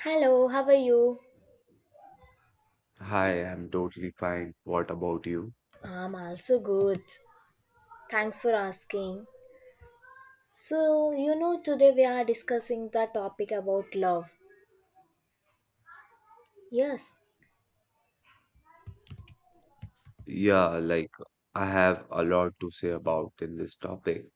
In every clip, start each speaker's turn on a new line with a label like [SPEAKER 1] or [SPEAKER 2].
[SPEAKER 1] Hello, how are you?
[SPEAKER 2] Hi, I'm totally fine. What about you?
[SPEAKER 1] I'm also good. Thanks for asking. So, today we are discussing the topic about love. Yes,
[SPEAKER 2] Yeah, like I have a lot to say about in this topic.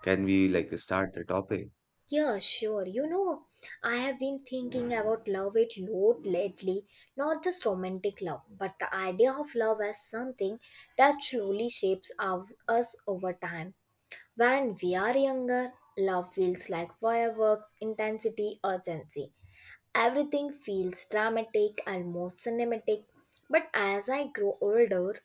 [SPEAKER 2] Can we like start the topic?
[SPEAKER 1] yeah, sure. I have been thinking about love a lot lately, not just romantic love, but the idea of love as something that slowly shapes us over time. When we are younger, love feels like fireworks, intensity, urgency. Everything feels dramatic, almost cinematic. But as I grow older,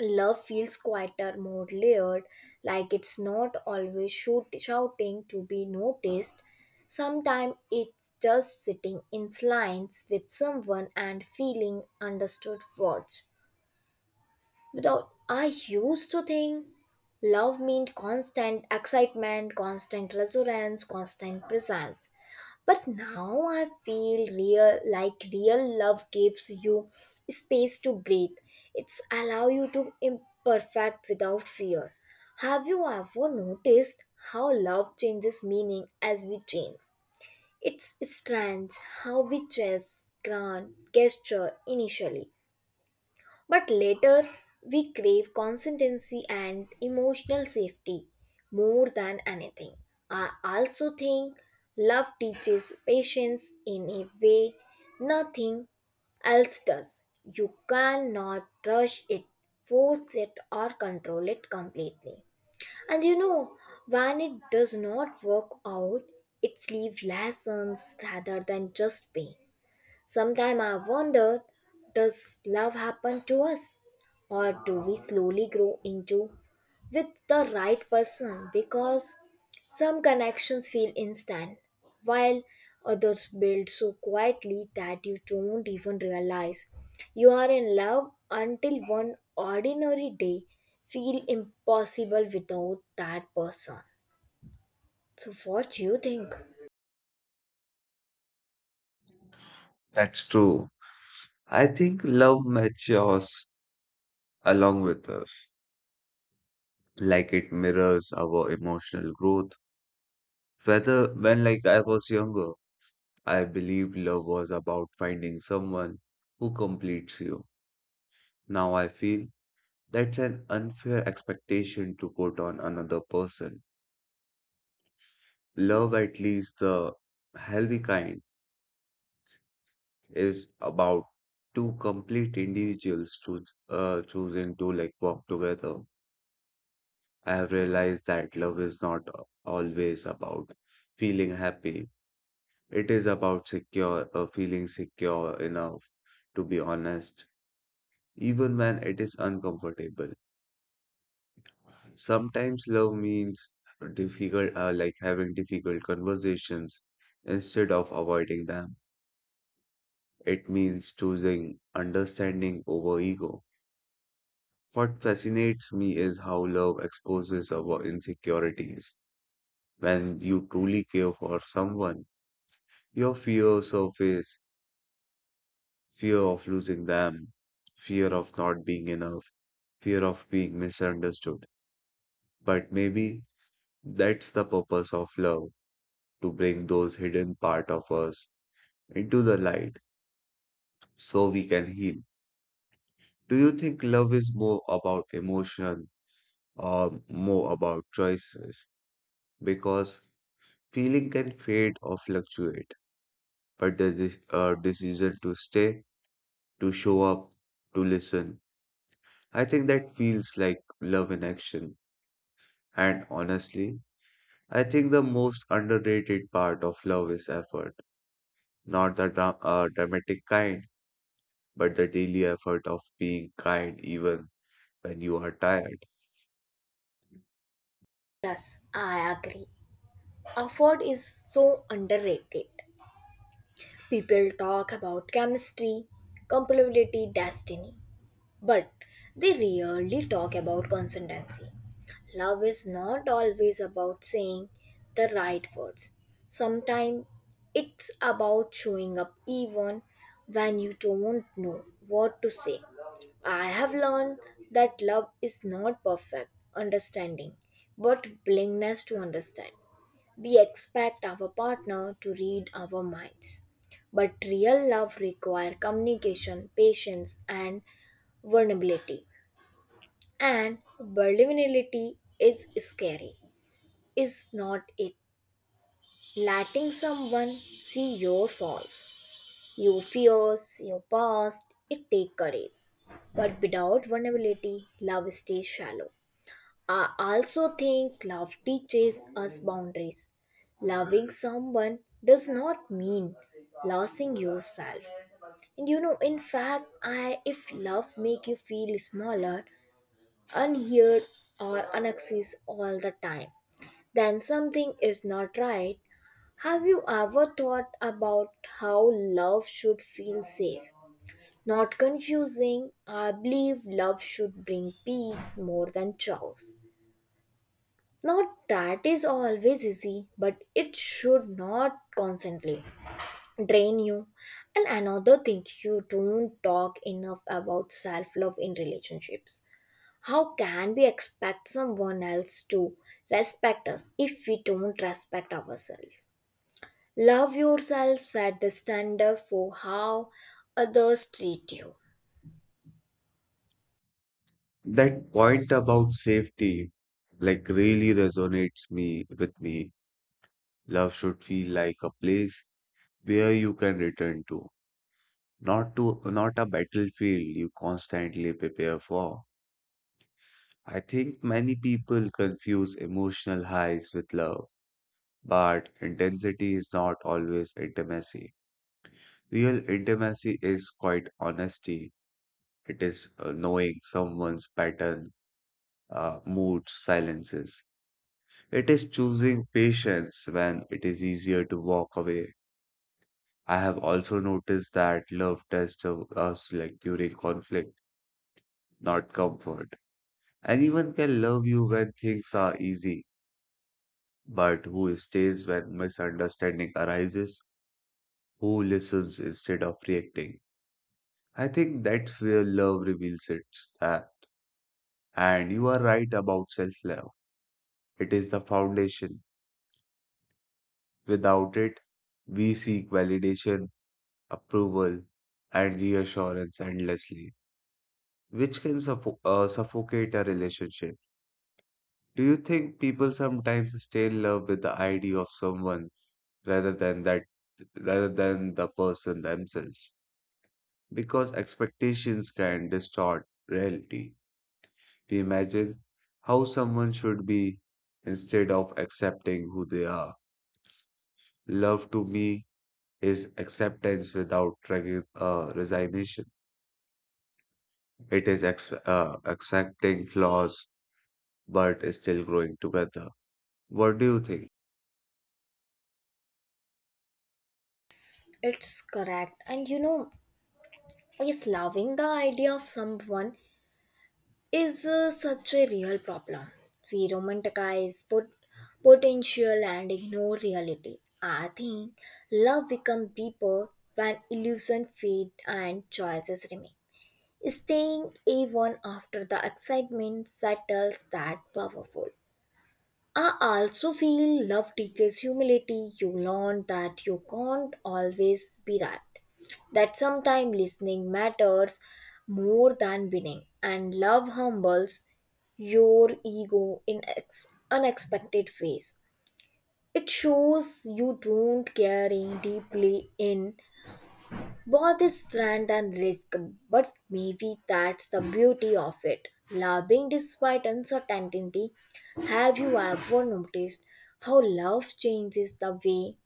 [SPEAKER 1] love feels quieter, more layered, like it's not always shouting to be noticed. Sometimes it's just sitting in silence with someone and feeling understood words. Without, I used to think love meant constant excitement, constant resurgence, constant presence. But now I feel real, like real love gives you space to breathe. It's allow you to imperfect without fear. Have you ever noticed how love changes meaning as we change? It's strange how we chase grand gesture initially, but later, we crave consistency and emotional safety more than anything. I also think love teaches patience in a way nothing else does. You cannot rush it, force it, or control it completely. And when it does not work out, it leaves lessons rather than just pain. Sometimes I wonder, does love happen to us, or do we slowly grow into with the right person? Because some connections feel instant, while others build so quietly that you don't even realize you are in love until one ordinary day feel impossible without that person. So, what do you think?
[SPEAKER 2] That's true. I think love matures along with us. Like it mirrors our emotional growth. Whether when like I was younger, I believed love was about finding someone who completes you. Now I feel that's an unfair expectation to put on another person. Love, at least the healthy kind, is about two complete individuals to choosing to like work together. I have realized that love is not always about feeling happy. It is about secure, feeling secure enough to be honest, even when it is uncomfortable. Sometimes love means difficult, like having difficult conversations instead of avoiding them. It means choosing understanding over ego. What fascinates me is how love exposes our insecurities. When you truly care for someone, your fears surface fear of losing them, fear of not being enough, fear of being misunderstood. But maybe that's the purpose of love to bring those hidden part of us into the light so we can heal. Do you think love is more about emotion or more about choices because feeling can fade or fluctuate, but the decision to stay, to show up, to listen, I think that feels like love in action. And honestly, I think the most underrated part of love is effort, not the dramatic kind, but the daily effort of being kind even when you are tired.
[SPEAKER 1] Yes, I agree. Effort is so underrated. People talk about chemistry, compatibility, destiny, but they rarely talk about consistency. Love is not always about saying the right words. Sometimes it's about showing up even when you don't know what to say. I have learned that love is not perfect understanding, but willingness to understand. We expect our partner to read our minds. But real love requires communication, patience, and vulnerability. And vulnerability is scary, is not it? Letting someone see your flaws, your fears, your past, it takes courage. But without vulnerability, love stays shallow. I also think love teaches us boundaries. Loving someone does not mean losing yourself. And in fact, I if love make you feel smaller, unheard, or unaccessed all the time, then something is not right. Have you ever thought about how love should feel safe? Not confusing. I believe love should bring peace more than chaos. Not that is always easy, but it should not constantly drain you. And another thing, you don't talk enough about self love in relationships. How can we expect someone else to respect us if we don't respect ourselves? Love yourself, set the standard for how others treat you.
[SPEAKER 2] That point about safety like really resonates me with me. Love should feel like a place where you can return to, not a battlefield you constantly prepare for. I think many people confuse emotional highs with love, but intensity is not always intimacy. Real intimacy is quite honesty. It is knowing someone's pattern, moods, silences. It is choosing patience when it is easier to walk away. I have also noticed that love tests of us like during conflict, not comfort. Anyone can love you when things are easy, but who stays when misunderstanding arises? Who listens instead of reacting? I think that's where love reveals its and you are right about self-love. It is the foundation. Without it, we seek validation, approval, and reassurance endlessly, which can suffocate a relationship. Do you think people sometimes stay in love with the idea of someone rather than that rather than the person themselves? Because expectations can distort reality. We imagine how someone should be instead of accepting who they are. Love to me is acceptance without resignation. It is accepting flaws but still growing together. What do you think?
[SPEAKER 1] It's correct. And is loving the idea of someone is such a real problem. We romanticize potential and ignore reality. I think love becomes deeper when illusion fade and choices remain. Staying even after the excitement settles, that powerful. I also feel love teaches humility. You learn that you can't always be right, that sometimes listening matters more than winning, and love humbles your ego in unexpected ways. It shows you don't caring deeply in both is strand and risk, but maybe that's the beauty of it. Loving despite uncertainty. Have you ever noticed how love changes the way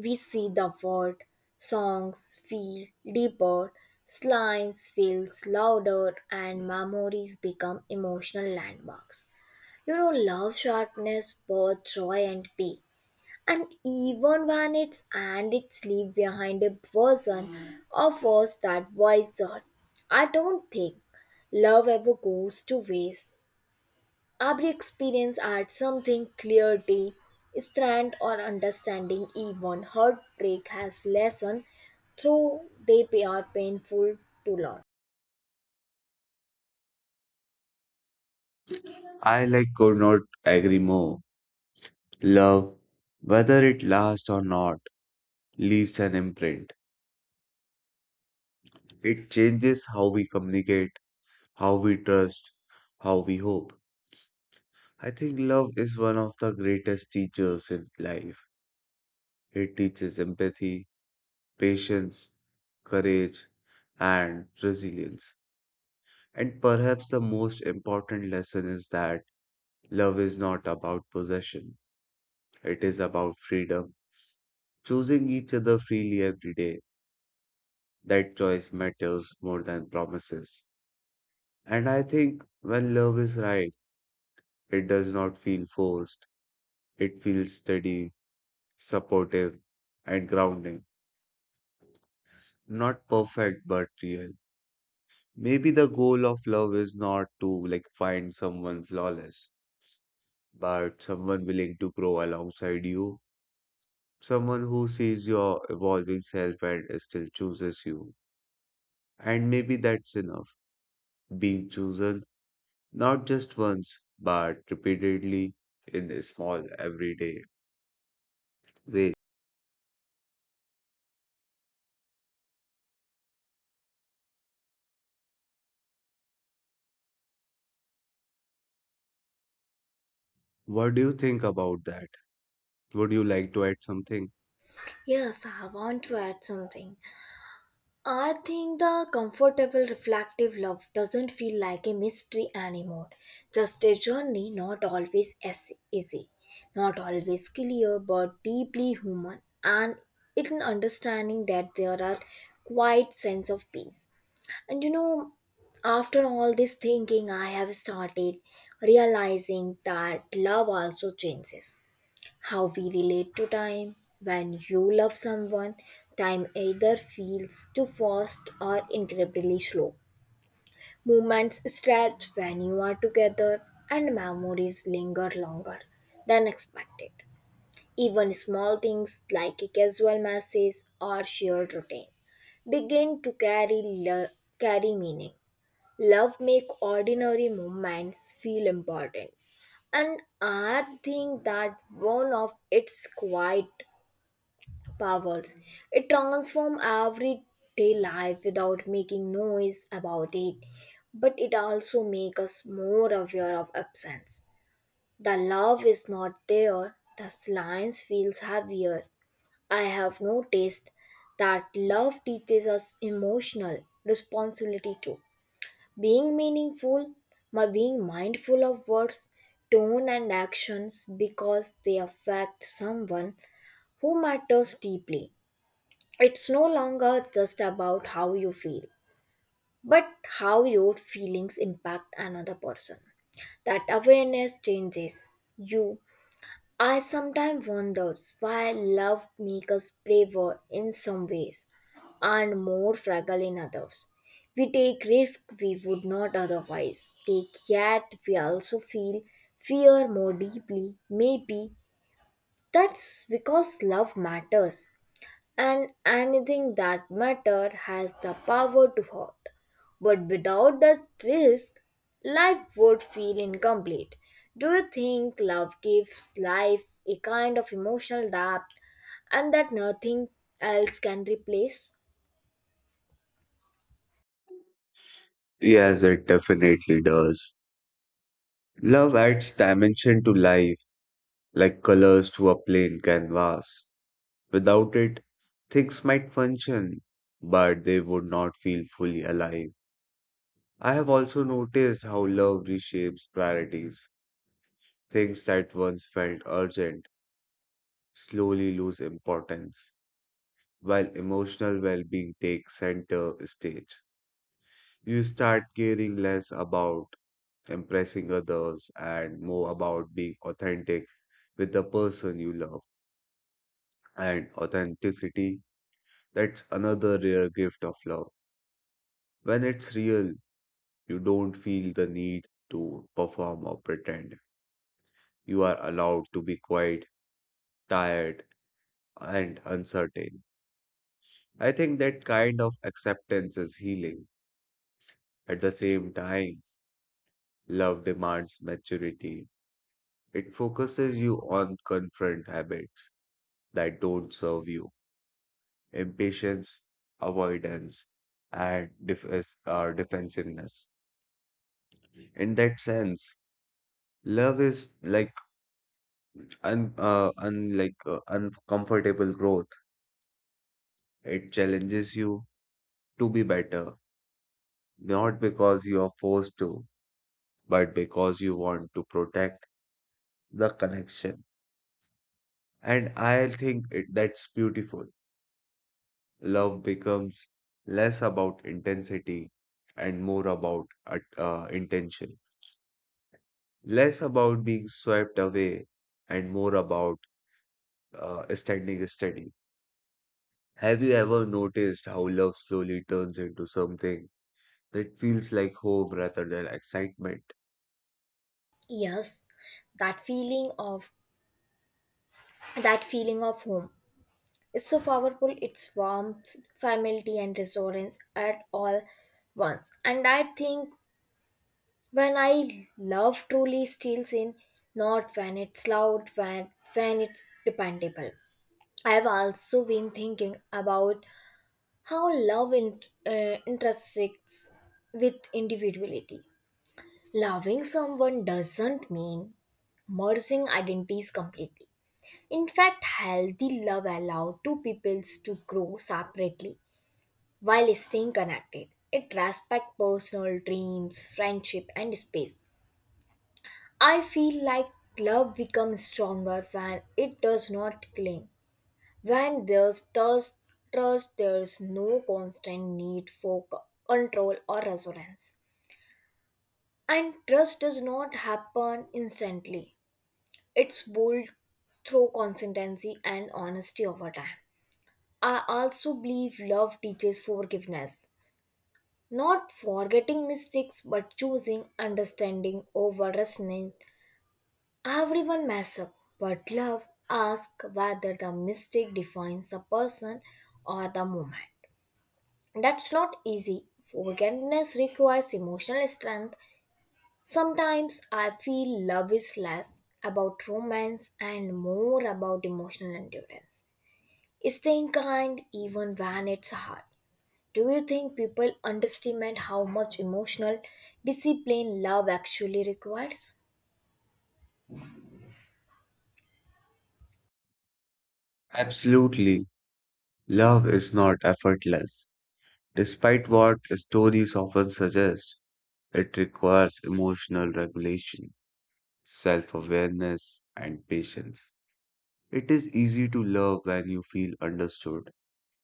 [SPEAKER 1] we see the world? Songs feel deeper, slimes feels louder, and memories become emotional landmarks. Love sharpness both joy and pain. And even when it's leave behind a version of us that wiser. I don't think love ever goes to waste. Every experience adds something, clarity, strength, or understanding. Even heartbreak has lesson through they are painful to learn.
[SPEAKER 2] I like could not agree more. Love, whether it lasts or not, leaves an imprint. It changes how we communicate, how we trust, how we hope. I think love is one of the greatest teachers in life. It teaches empathy, patience, courage, and resilience. And perhaps the most important lesson is that love is not about possession, it is about freedom, choosing each other freely every day. That choice matters more than promises. And I think when love is right, it does not feel forced. It feels steady, supportive, and grounding. Not perfect, but real. Maybe the goal of love is not to like find someone flawless, but someone willing to grow alongside you. Someone who sees your evolving self and still chooses you. And maybe that's enough. Being chosen not just once, but repeatedly in a small, everyday ways. What do you think about that? Would you like to add something?
[SPEAKER 1] Yes, I want to add something. I think the comfortable reflective love doesn't feel like a mystery anymore. Just a journey, not always as easy, not always clear, but deeply human, and it an understanding that there are quite sense of peace. And after all this thinking, I have started realizing that love also changes how we relate to time. When you love someone, time either feels too fast or incredibly slow. Moments stretch when you are together, and memories linger longer than expected. Even small things like a casual message or shared routine begin to carry meaning. Love make ordinary moments feel important. And I think that one of its quiet powers. It transforms everyday life without making noise about it. But it also makes us more aware of absence. The love is not there, the silence feels heavier. I have noticed that love teaches us emotional responsibility too, being meaningful, my being mindful of words, tone, and actions because they affect someone who matters deeply. It's no longer just about how you feel, but how your feelings impact another person. That awareness changes you. I sometimes wonders why love makes us braver in some ways and more fragile in others. We take risks we would not otherwise take, yet we also feel fear more deeply. Maybe that's because love matters, and anything that matter has the power to hurt. But without that risk, life would feel incomplete. Do you think love gives life a kind of emotional depth and that nothing else can replace?
[SPEAKER 2] Yes, it definitely does. Love adds dimension to life, like colors to a plain canvas. Without it, things might function, but they would not feel fully alive. I have also noticed how love reshapes priorities. Things that once felt urgent slowly lose importance, while emotional well being takes center stage. You start caring less about impressing others and more about being authentic with the person you love. And authenticity, that's another rare gift of love. When it's real, you don't feel the need to perform or pretend. You are allowed to be quiet, tired, and uncertain. I think that kind of acceptance is healing. At the same time, love demands maturity. It focuses you on confront habits that don't serve you. Impatience, avoidance, and defensiveness. In that sense, love is like uncomfortable growth. It challenges you to be better, not because you are forced to, but because you want to protect the connection. And I think that's beautiful. Love becomes less about intensity and more about intention. Less about being swept away and more about standing steady. Have you ever noticed how love slowly turns into something that feels like home rather than excitement?
[SPEAKER 1] Yes, that feeling of that feeling of home is so powerful, its warmth, familiarity, and resonance at all once. And I think when I love truly steals in, not when it's loud, when it's dependable. I've also been thinking about how love intersects with individuality. Loving someone doesn't mean merging identities completely. In fact, healthy love allows two peoples to grow separately while staying connected. It respects personal dreams, friendship, and space. I feel like love becomes stronger when it does not cling. When there's thus trust, there's no constant need for control or resonance. And trust does not happen instantly. It's built through consistency and honesty over time. I also believe love teaches forgiveness. Not forgetting mistakes, but choosing understanding over resentment. Everyone mess up, but love asks whether the mistake defines the person or the moment. That's not easy. Forgiveness requires emotional strength. Sometimes I feel love is less about romance and more about emotional endurance. Staying kind even when it's hard. Do you think people underestimate how much emotional discipline love actually requires?
[SPEAKER 2] Absolutely, love is not effortless. Despite what stories often suggest, it requires emotional regulation, self awareness, and patience. It is easy to love when you feel understood.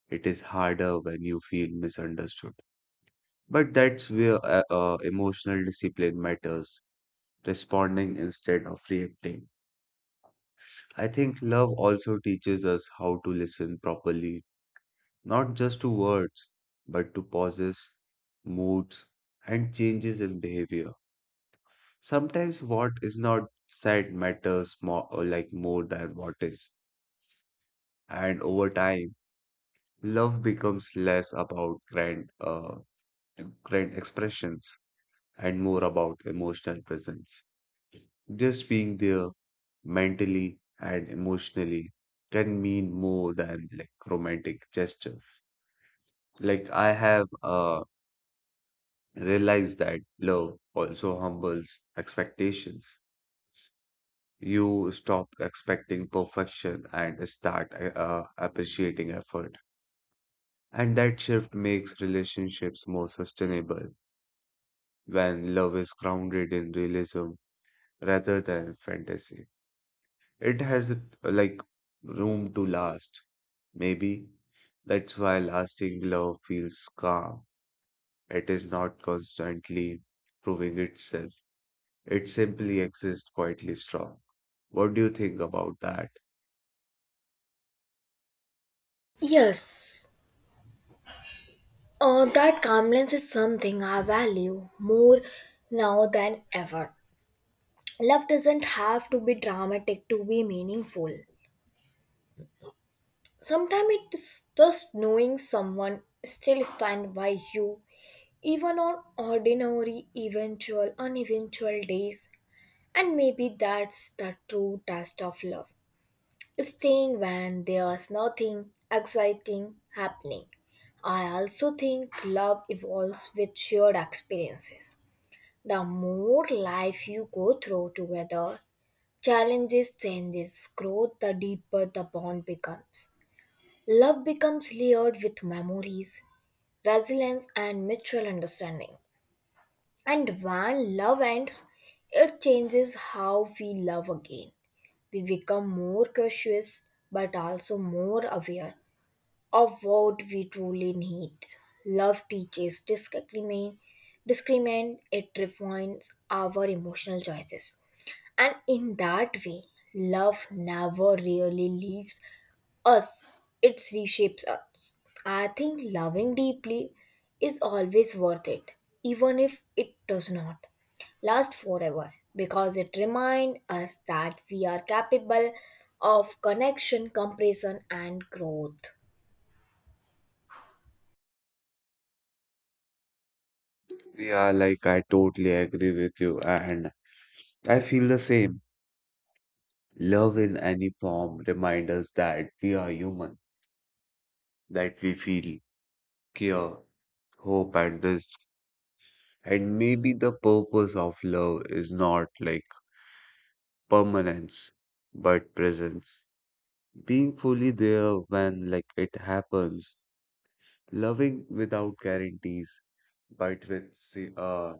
[SPEAKER 2] It is harder when you feel misunderstood. But that's where emotional discipline matters, responding instead of reacting. I think love also teaches us how to listen properly, not just to words, but to pauses, moods, and changes in behavior. Sometimes what is not said matters more, like more than what is. And over time, love becomes less about grand expressions and more about emotional presence. Just being there mentally and emotionally can mean more than like romantic gestures. Like I have realized that love also humbles expectations. You stop expecting perfection and start appreciating effort. And that shift makes relationships more sustainable when love is grounded in realism rather than fantasy. It has like room to last. Maybe that's why lasting love feels calm. It is not constantly proving itself. It simply exists quietly strong. What do you think about that?
[SPEAKER 1] Yes, that calmness is something I value more now than ever. Love doesn't have to be dramatic to be meaningful. Sometimes it's just knowing someone still stand by you, even on ordinary, eventual, uneventual days. And maybe that's the true test of love. Staying when there's nothing exciting happening. I also think love evolves with shared experiences. The more life you go through together, challenges, changes, growth, the deeper the bond becomes. Love becomes layered with memories, resilience, and mutual understanding. And when love ends, it changes how we love again. We become more cautious but also more aware of what we truly need. Love teaches discriminate it refines our emotional choices. And in that way, love never really leaves us, it reshapes us. I think loving deeply is always worth it, even if it does not last forever, because it reminds us that we are capable of connection, comparison, and growth.
[SPEAKER 2] Yeah, like I totally agree with you, and I feel the same. Love in any form reminds us that we are human, that we feel, care, hope and this and maybe the purpose of love is not like permanence but presence being fully there when like it happens loving without guarantees but with si- uh,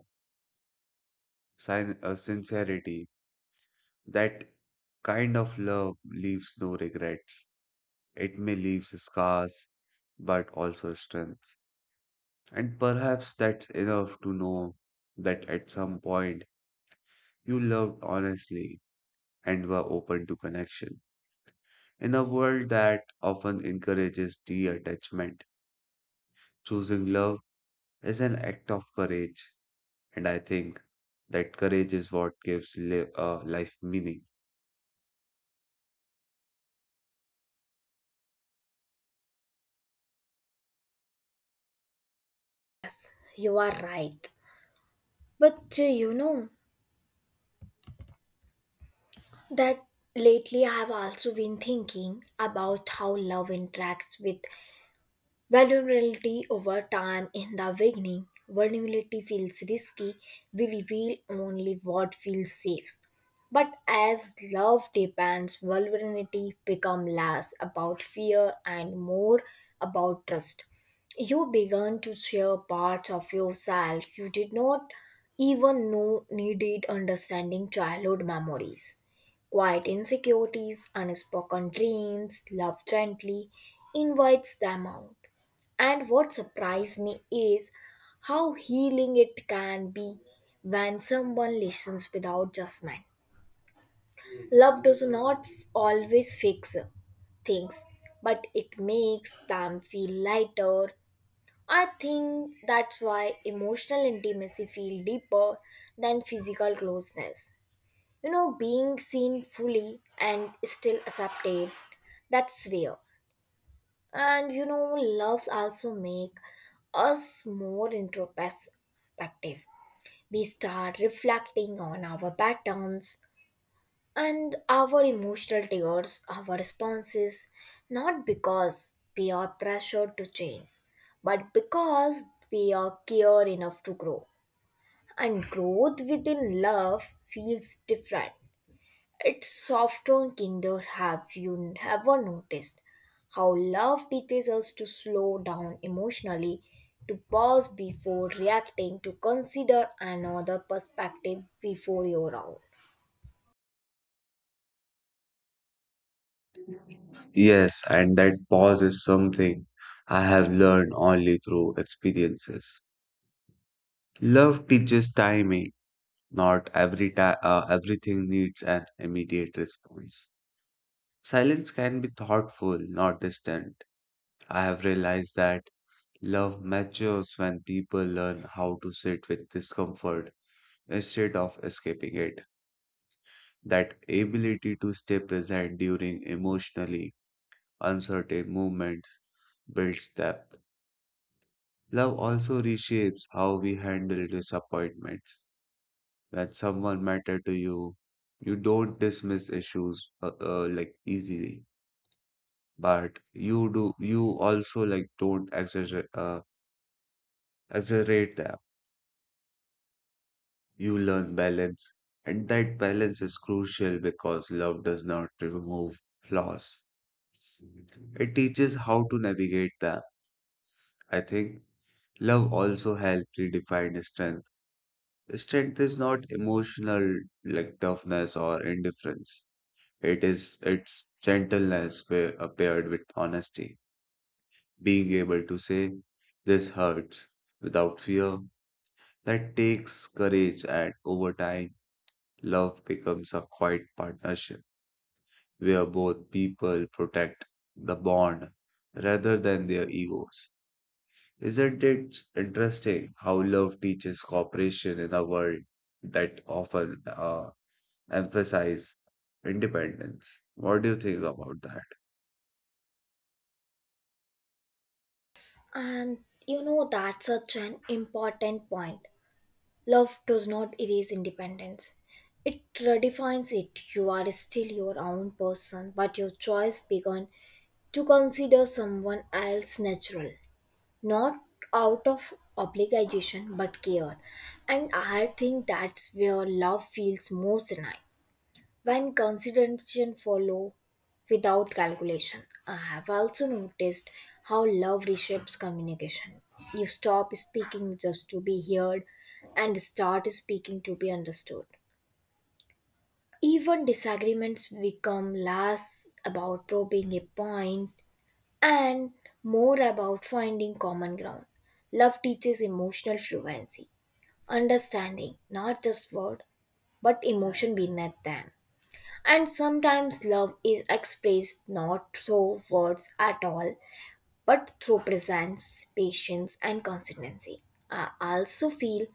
[SPEAKER 2] sin- uh, sincerity that kind of love leaves no regrets it may leave scars but also strengths and perhaps that's enough to know that at some point you loved honestly and were open to connection. In a world that often encourages detachment, choosing love is an act of courage, and I think that courage is what gives life meaning.
[SPEAKER 1] You are right. But you know that lately I have also been thinking about how love interacts with vulnerability over time. In the beginning, vulnerability feels risky. We reveal only what feels safe. But as love depends, vulnerability become less about fear and more about trust. You began to share parts of yourself you did not even know needed understanding, childhood memories, quiet insecurities, unspoken dreams, love gently invites them out. And what surprised me is how healing it can be when someone listens without judgment. Love does not always fix things, but it makes them feel lighter. I think that's why emotional intimacy feels deeper than physical closeness. Being seen fully and still accepted, that's rare. And loves also make us more introspective. We start reflecting on our patterns and our emotional triggers, our responses, not because we are pressured to change, but because we are care enough to grow. And growth within love feels different, it's soft on Kinder. Have you ever noticed how love teaches us to slow down emotionally, to pause before reacting, to consider another perspective before your own?
[SPEAKER 2] Yes, and that pause is something I have learned only through experiences. Love teaches timing. Not everything needs an immediate response. Silence can be thoughtful, not distant. I have realized that love matures when people learn how to sit with discomfort instead of escaping it. That ability to stay present during emotionally uncertain moments builds depth. Love also reshapes how we handle disappointments. When someone matters to you, you don't dismiss issues like easily, but you do you also like don't exaggerate them. You learn balance, and that balance is crucial because love does not remove flaws. It teaches how to navigate them. I think love also helps redefine strength. Strength is not emotional like toughness or indifference. It is its gentleness paired with honesty. Being able to say, this hurts without fear. That takes courage and over time, love becomes a quiet partnership where both people protect the bond rather than their egos. Isn't it interesting how love teaches cooperation in a world that often emphasize independence? What do you think about that?
[SPEAKER 1] And that's such an important point. Love does not erase independence, it redefines it. You are still your own person, but your choice began to consider someone else natural. Not out of obligation but care. And I think that's where love feels most genuine when consideration follow without calculation. I have also noticed how love reshapes communication. You stop speaking just to be heard and start speaking to be understood. Even disagreements become less about probing a point and more about finding common ground. Love teaches emotional fluency, understanding not just word but emotion beneath them. And sometimes love is expressed not through words at all but through presence, patience, and consistency. I also feel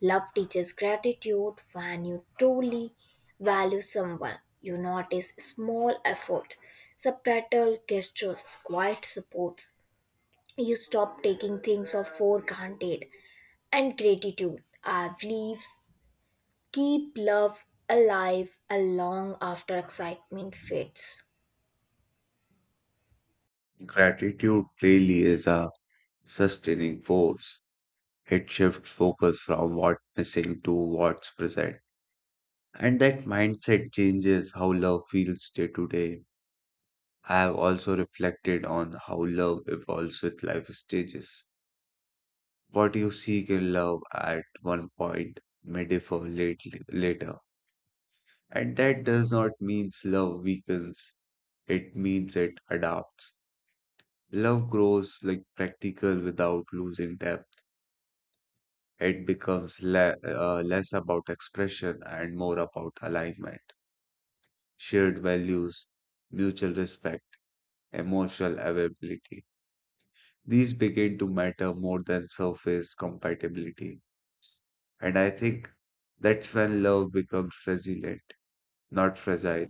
[SPEAKER 1] love teaches gratitude when you truly value someone. You notice small effort, subtitle gestures, quiet supports, you stop taking things of for granted, and gratitude our beliefs keep love alive along after excitement fades.
[SPEAKER 2] Gratitude really is a sustaining force. It shifts focus from what's missing to what's present. And that mindset changes how love feels day to day. I have also reflected on how love evolves with life stages. What you seek in love at one point may differ lately, later, and that does not mean love weakens, it means it adapts. Love grows like practical without losing depth. It becomes less about expression and more about alignment, shared values, mutual respect, emotional availability. These begin to matter more than surface compatibility. And I think that's when love becomes resilient, not fragile,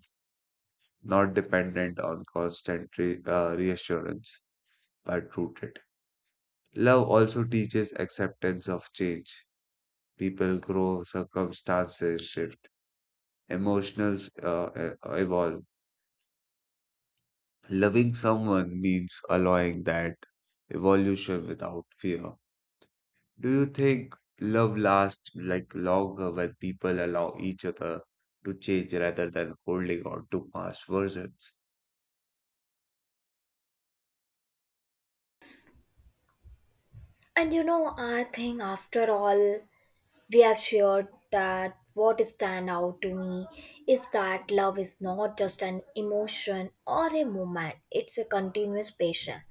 [SPEAKER 2] not dependent on constant reassurance, but rooted. Love also teaches acceptance of change. People grow, circumstances shift, emotions evolve. Loving someone means allowing that evolution without fear. Do you think love lasts like longer when people allow each other to change rather than holding on to past versions?
[SPEAKER 1] And I think, after all we have shared, that what stand out to me is that love is not just an emotion or a moment, it's a continuous passion.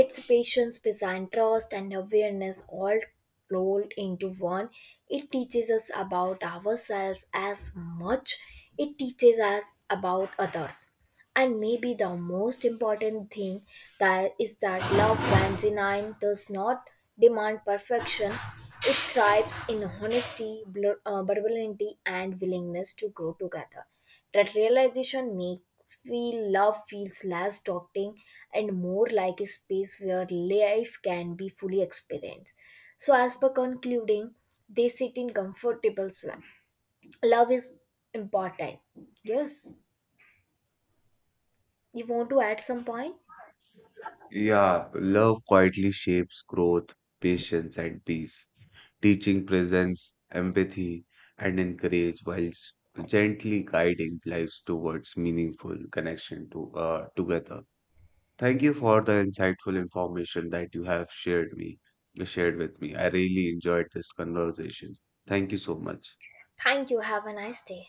[SPEAKER 1] It's patience, design, trust, and awareness all rolled into one. It teaches us about ourselves as much it teaches us about others. And maybe the most important thing that is that love, when genuine, does not demand perfection. It thrives in honesty, vulnerability, and willingness to grow together. That realization makes me love feels less daunting and more like a space where life can be fully experienced. So, as per concluding, they sit in comfortable slump. Love is important. Yes. You want to add some point?
[SPEAKER 2] Yeah, love quietly shapes growth, patience, and peace, teaching presence, empathy, and encourage while s- gently guiding lives towards meaningful connection to together. Thank you for the insightful information that you have shared with me. I really enjoyed this conversation. Thank you so much.
[SPEAKER 1] Thank you. Have a nice day.